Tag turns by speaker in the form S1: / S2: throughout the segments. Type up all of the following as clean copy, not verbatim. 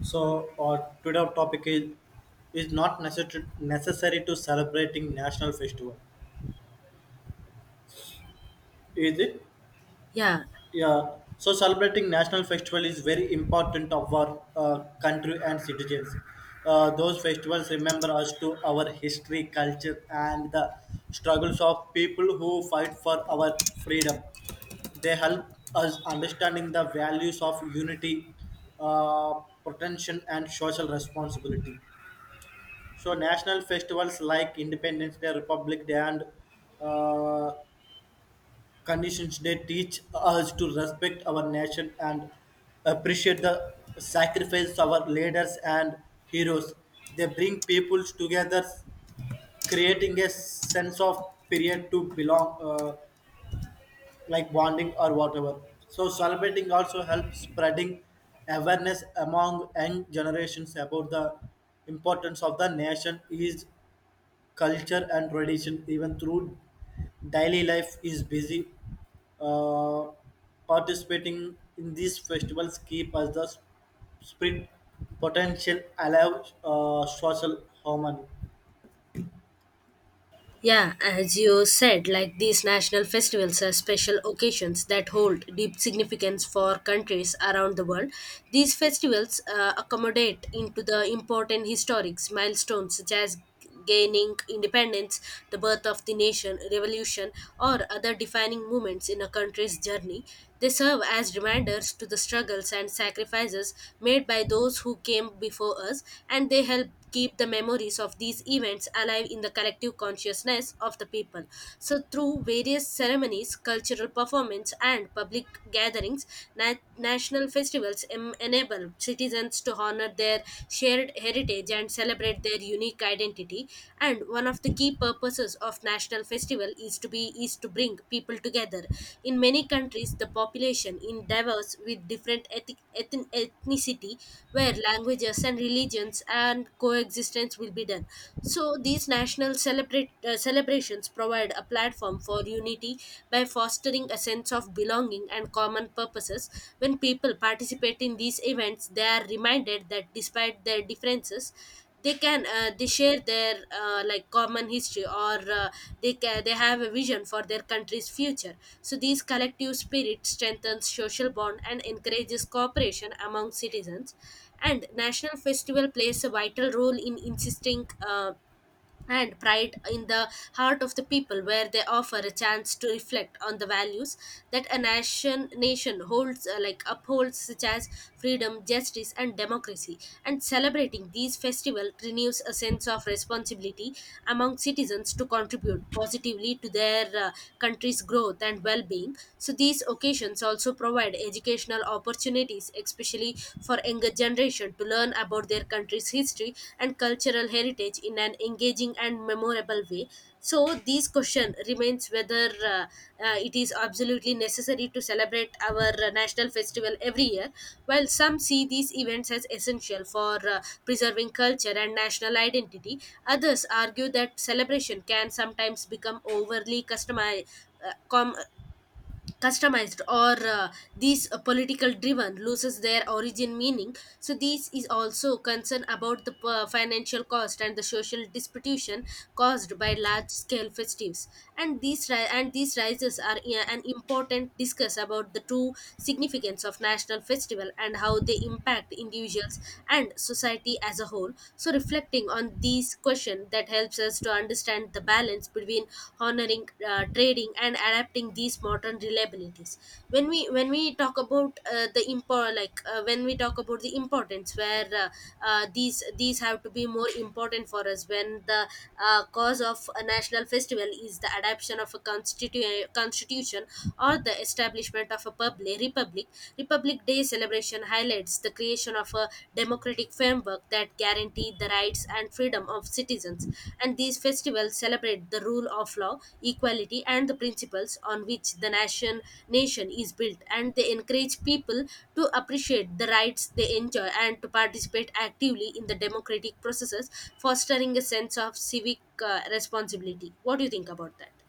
S1: So our today topic is is not necessary to celebrating national festival, is it?
S2: Yeah,
S1: Yeah. So celebrating national festival is very important of our country and citizens. Those festivals remember us to our history, culture, and the struggles of people who fight for our freedom, they help us understanding the values of unity, uh, protection and social responsibility. So national festivals like Independence Day, Republic Day, and uh, Conditions Day teach us to respect our nation and appreciate the sacrifice of our leaders and heroes. They bring peoples together, creating a sense of period to belong, like bonding or whatever. So celebrating also helps spreading awareness among young generations about the importance of the nation is culture and tradition even through daily life is busy, uh, participating in these festivals keep us the spirit potential alive. Social harmony.
S2: yeah, as you said, like these national festivals are special occasions that hold deep significance for countries around the world. These festivals accommodate into the important historic milestones such as gaining independence, the birth of the nation, revolution, or other defining moments in a country's journey. They serve as reminders to the struggles and sacrifices made by those who came before us, and they help keep the memories of these events alive in the collective consciousness of the people. So, through various ceremonies, cultural performance, and public gatherings, national festivals enable citizens to honor their shared heritage and celebrate their unique identity. And one of the key purposes of national festival is to be is to bring people together. In many countries the population in diverse with different ethnic, ethnicity, where languages and religions and coexistence will be done. So these national celebrate celebrations provide a platform for unity by fostering a sense of belonging and common purposes. When people participate in these events they are reminded that despite their differences they can they share their like common history or they have a vision for their country's future. So these collective spirit strengthens social bond and encourages cooperation among citizens. And national festival plays a vital role in insisting and pride in the heart of the people, where they offer a chance to reflect on the values that a nation holds like upholds, such as freedom, justice, and democracy. And celebrating these festivals renews a sense of responsibility among citizens to contribute positively to their country's growth and well-being. So these occasions also provide educational opportunities, especially for younger generation, to learn about their country's history and cultural heritage in an engaging and memorable way. So this question remains whether it is absolutely necessary to celebrate our national festival every year, while some see these events as essential for preserving culture and national identity, others argue that celebration can sometimes become overly uh, com- customized, or these political driven loses their origin meaning. So this is also concern about the financial cost and the social disputation caused by large scale festives. And these rises are an important discuss about the true significance of national festival and how they impact individuals and society as a whole. So reflecting on these questions discussion that helps us to understand the balance between honoring trading and adapting these modern reliabilities. When we talk about the impor like when we talk about the importance, where these have to be more important for us when the cause of a national festival is the adoption of a constitution or the establishment of a public republic. Republic day celebration highlights the creation of a democratic framework that guarantees the rights and freedom of citizens. And these festivals celebrate the rule of law, equality, and the principles on which the nation is built. And they encourage people to appreciate the rights they enjoy and to participate actively in the democratic processes, fostering a sense of civic responsibility. What do you think about that?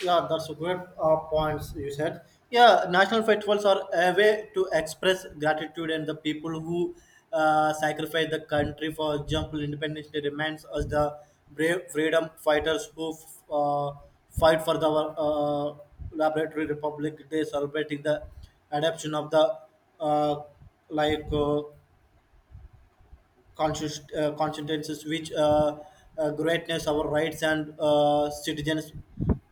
S1: Yeah, that's a great points you said. Yeah, national festivals are a way to express gratitude and the people who sacrifice the country, for example, independence day reminds us the brave freedom fighters who uh, fight for the laboratory republic day celebrating the adoption of the uh, like constituencies which greatness our rights and citizens,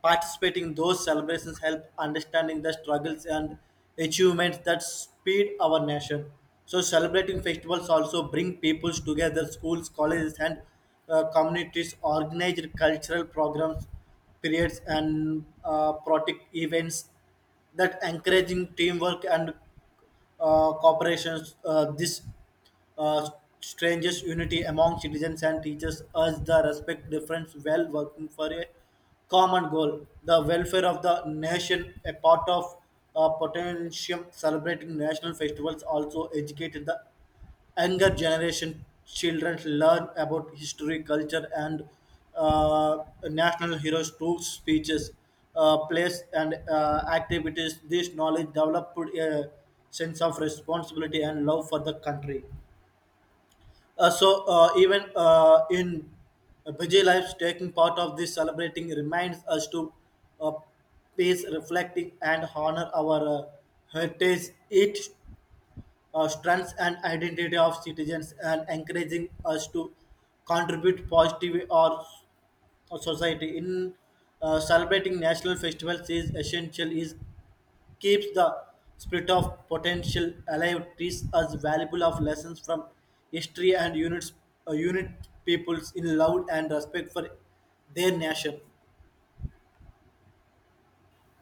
S1: participating in those celebrations help understanding the struggles and achievements that speed our nation. So celebrating festivals also bring peoples together, schools, colleges, and communities organize cultural programs, periods and protect events that encouraging teamwork and cooperation. This uh, strangest unity among citizens and teachers urge the respect difference while working for a common goal. The welfare of the nation, a part of potentium celebrating national festivals, also educated the younger generation, children learn about history, culture, and uh, national heroes through speeches, plays, and activities. This knowledge developed a sense of responsibility and love for the country. So even in busy lives, taking part of this celebrating reminds us to uh, peace, reflecting, and honor our heritage. It strengths and identity of citizens and encouraging us to contribute positive or society in celebrating national festivals is essential, is keeps the spirit of potential alive, teaches us valuable of lessons from history and units, unit peoples in love and respect for their nation.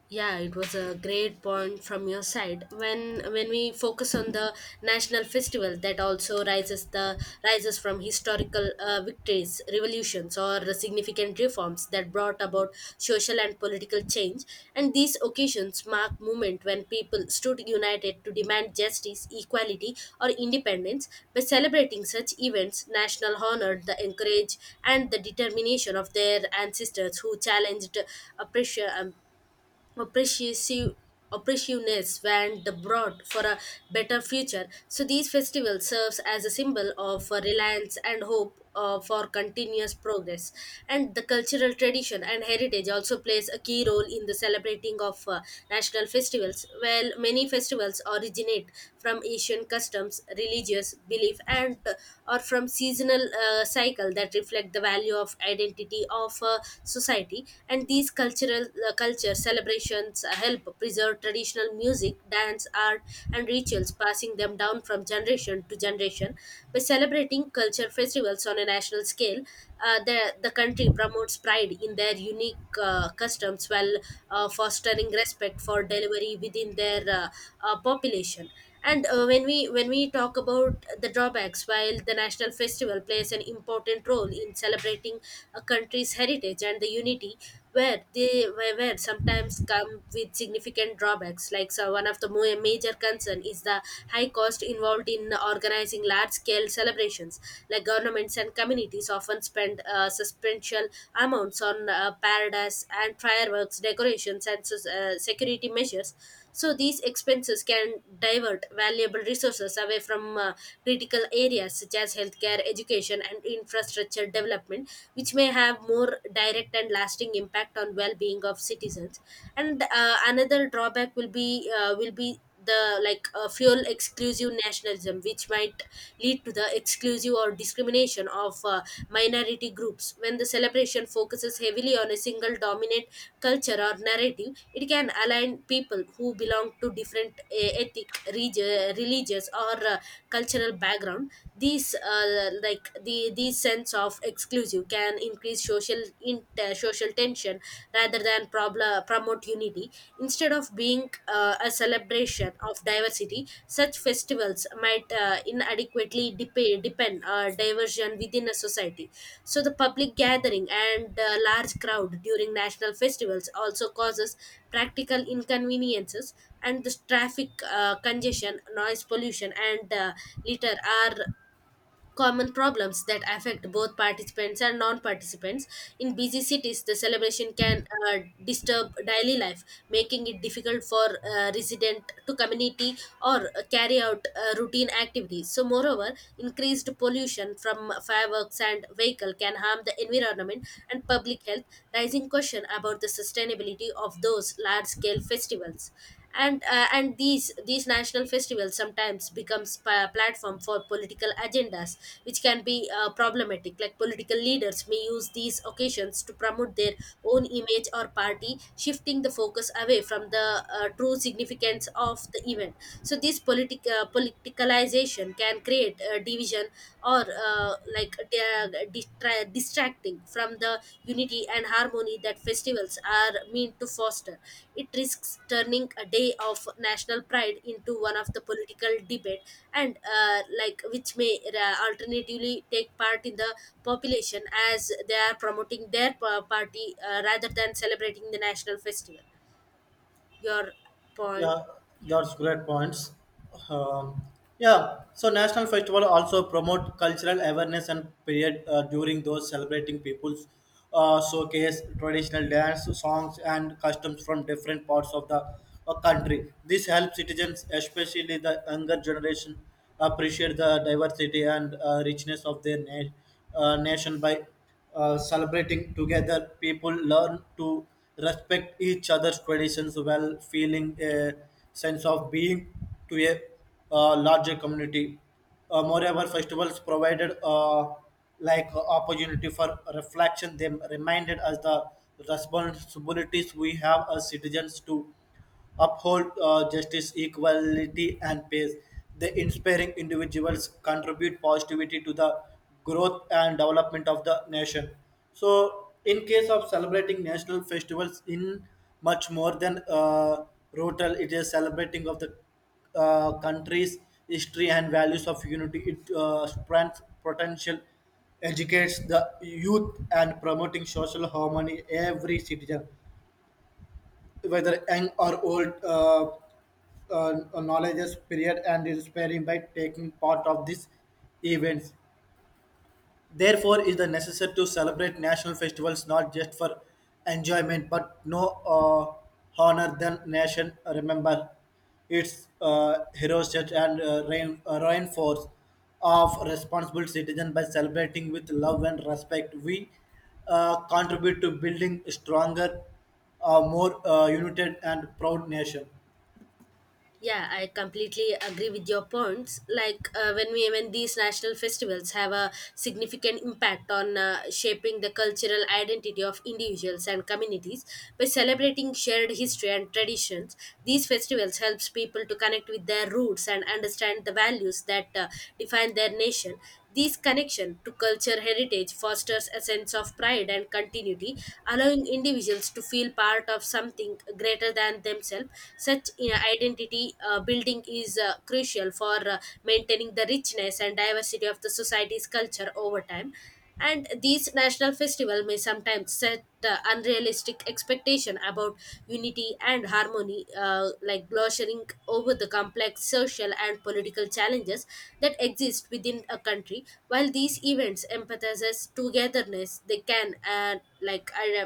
S2: Yeah, it was a great point from your side. When we focus on the national festival that also rises from historical victories, revolutions, or significant reforms that brought about social and political change, and these occasions mark moment when people stood united to demand justice, equality, or independence. By celebrating such events, national honored the encourage and the determination of their ancestors who challenged oppression oppressive oppressiveness and the broad for a better future. So these festivals serves as a symbol of reliance and hope for continuous progress. And the cultural tradition and heritage also plays a key role in the celebrating of national festivals. Well, many festivals originate from asian customs, religious belief, and or from seasonal cycle that reflect the value of identity of society. And these cultural culture celebrations help preserve traditional music, dance, art, and rituals, passing them down from generation to generation. By celebrating culture festivals on a national scale, uh, the the country promotes pride in their unique customs while fostering respect for delivery within their population. And when we talk about the drawbacks, while the national festival plays an important role in celebrating a country's heritage and the unity, where where sometimes come with significant drawbacks like. So one of the major concern is the high cost involved in organizing large scale celebrations, like governments and communities often spend substantial amounts on paradise and fireworks decorations and security measures. So these expenses can divert valuable resources away from critical areas such as healthcare, education, and infrastructure development, which may have more direct and lasting impact on well-being of citizens. And another drawback will be the like fuel exclusive nationalism which might lead to the exclusive or discrimination of minority groups. When the celebration focuses heavily on a single dominant culture or narrative, it can align people who belong to different ethnic, religious, or cultural background. These like these sense of exclusive can increase social tension rather than problem promote unity. Instead of being a celebration of diversity, such festivals might inadequately depend diversion within a society. So the public gathering and large crowd during national festivals also causes practical inconveniences. And the traffic congestion, noise pollution, and litter are common problems that affect both participants and non-participants. In busy cities the celebration can disturb daily life, making it difficult for resident to community or carry out routine activities. So moreover, increased pollution from fireworks and vehicle can harm the environment and public health, raising question about the sustainability of those large scale festivals. And these national festivals sometimes becomes a platform for political agendas, which can be problematic, like political leaders may use these occasions to promote their own image or party, shifting the focus away from the true significance of the event. So this politicalization can create division or like they are distracting from the unity and harmony that festivals are meant to foster. It risks turning a day of national pride into one of the political debate, and like, which may alternatively take part in the population as they are promoting their party rather than celebrating the national festival. Your point.
S1: Yeah, that's great points. Um, yeah, so national festival also promote cultural awareness and period, during those celebrating people's showcase traditional dance songs and customs from different parts of the country. This helps citizens, especially the younger generation, appreciate the diversity and richness of their nation. By celebrating together, people learn to respect each other's traditions while feeling a sense of being to a larger community. Moreover, festivals provided like opportunity for reflection. They reminded us the responsibilities we have as citizens to uphold, justice, equality, and peace. They inspiring individuals contribute positivity to the growth and development of the nation. So, in case of celebrating national festivals, in much more than rotal, it is celebrating of the country's history and values of unity. It strengthens potential, educates the youth, and promoting social harmony, every citizen whether young or old knowledge is period and is sparing by taking part of these events. Therefore, it is the necessary to celebrate national festivals not just for enjoyment but no, honor than nation, remember its heroes such and reinforce of responsible citizen. By celebrating with love and respect, we contribute to building stronger, more united and proud nation.
S2: Yeah, I completely agree with your points. Like when we when these national festivals have a significant impact on shaping the cultural identity of individuals and communities by celebrating shared history and traditions. These festivals helps people to connect with their roots and understand the values that define their nation. This connection to culture heritage fosters a sense of pride and continuity, allowing individuals to feel part of something greater than themselves. Such identity building is crucial for maintaining the richness and diversity of the society's culture over time. And these national festival may sometimes set unrealistic expectation about unity and harmony, like glossing over the complex social and political challenges that exist within a country. While these events emphasizes togetherness, they can like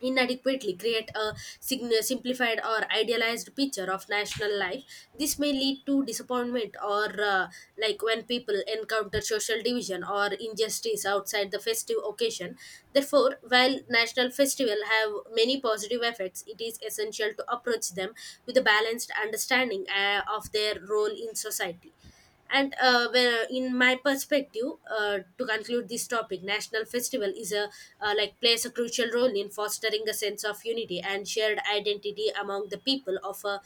S2: inadequately create a simplified or idealized picture of national life. This may lead to disappointment or like when people encounter social division or injustice outside the festive occasion. Therefore, while national festival have many positive effects, it is essential to approach them with a balanced understanding of their role in society. And where, in my perspective, to conclude this topic, national festival is a like plays a crucial role in fostering a sense of unity and shared identity among the people of a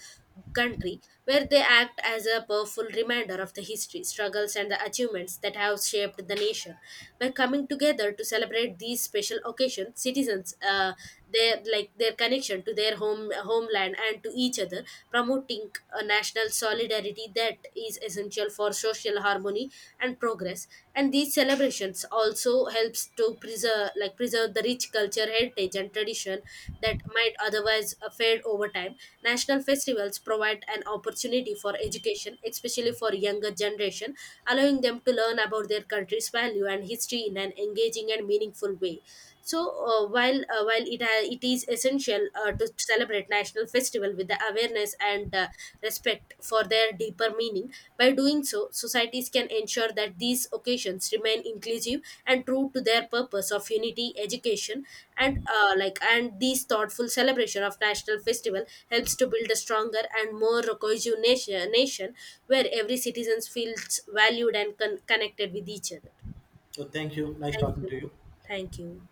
S2: country, where they act as a powerful reminder of the history, struggles, and the achievements that have shaped the nation. By coming together to celebrate these special occasions, citizens their like their connection to their homeland and to each other, promoting a national solidarity that is essential for social harmony and progress. And these celebrations also helps efforts to preserve the rich culture heritage and tradition that might otherwise fade over time. National festivals provide an opportunity for education, especially for younger generation, allowing them to learn about their country's value and history in an engaging and meaningful way. So while while it is essential to celebrate national festival with the awareness and respect for their deeper meaning. By doing so, societies can ensure that these occasions remain inclusive and true to their purpose of unity, education, and like, and these thoughtful celebration of national festival helps to build a stronger and more cohesive nation, where every citizen feels valued and connected with each other.
S1: So thank you. Nice
S2: Thank
S1: talking
S2: you,
S1: to you.
S2: thank you.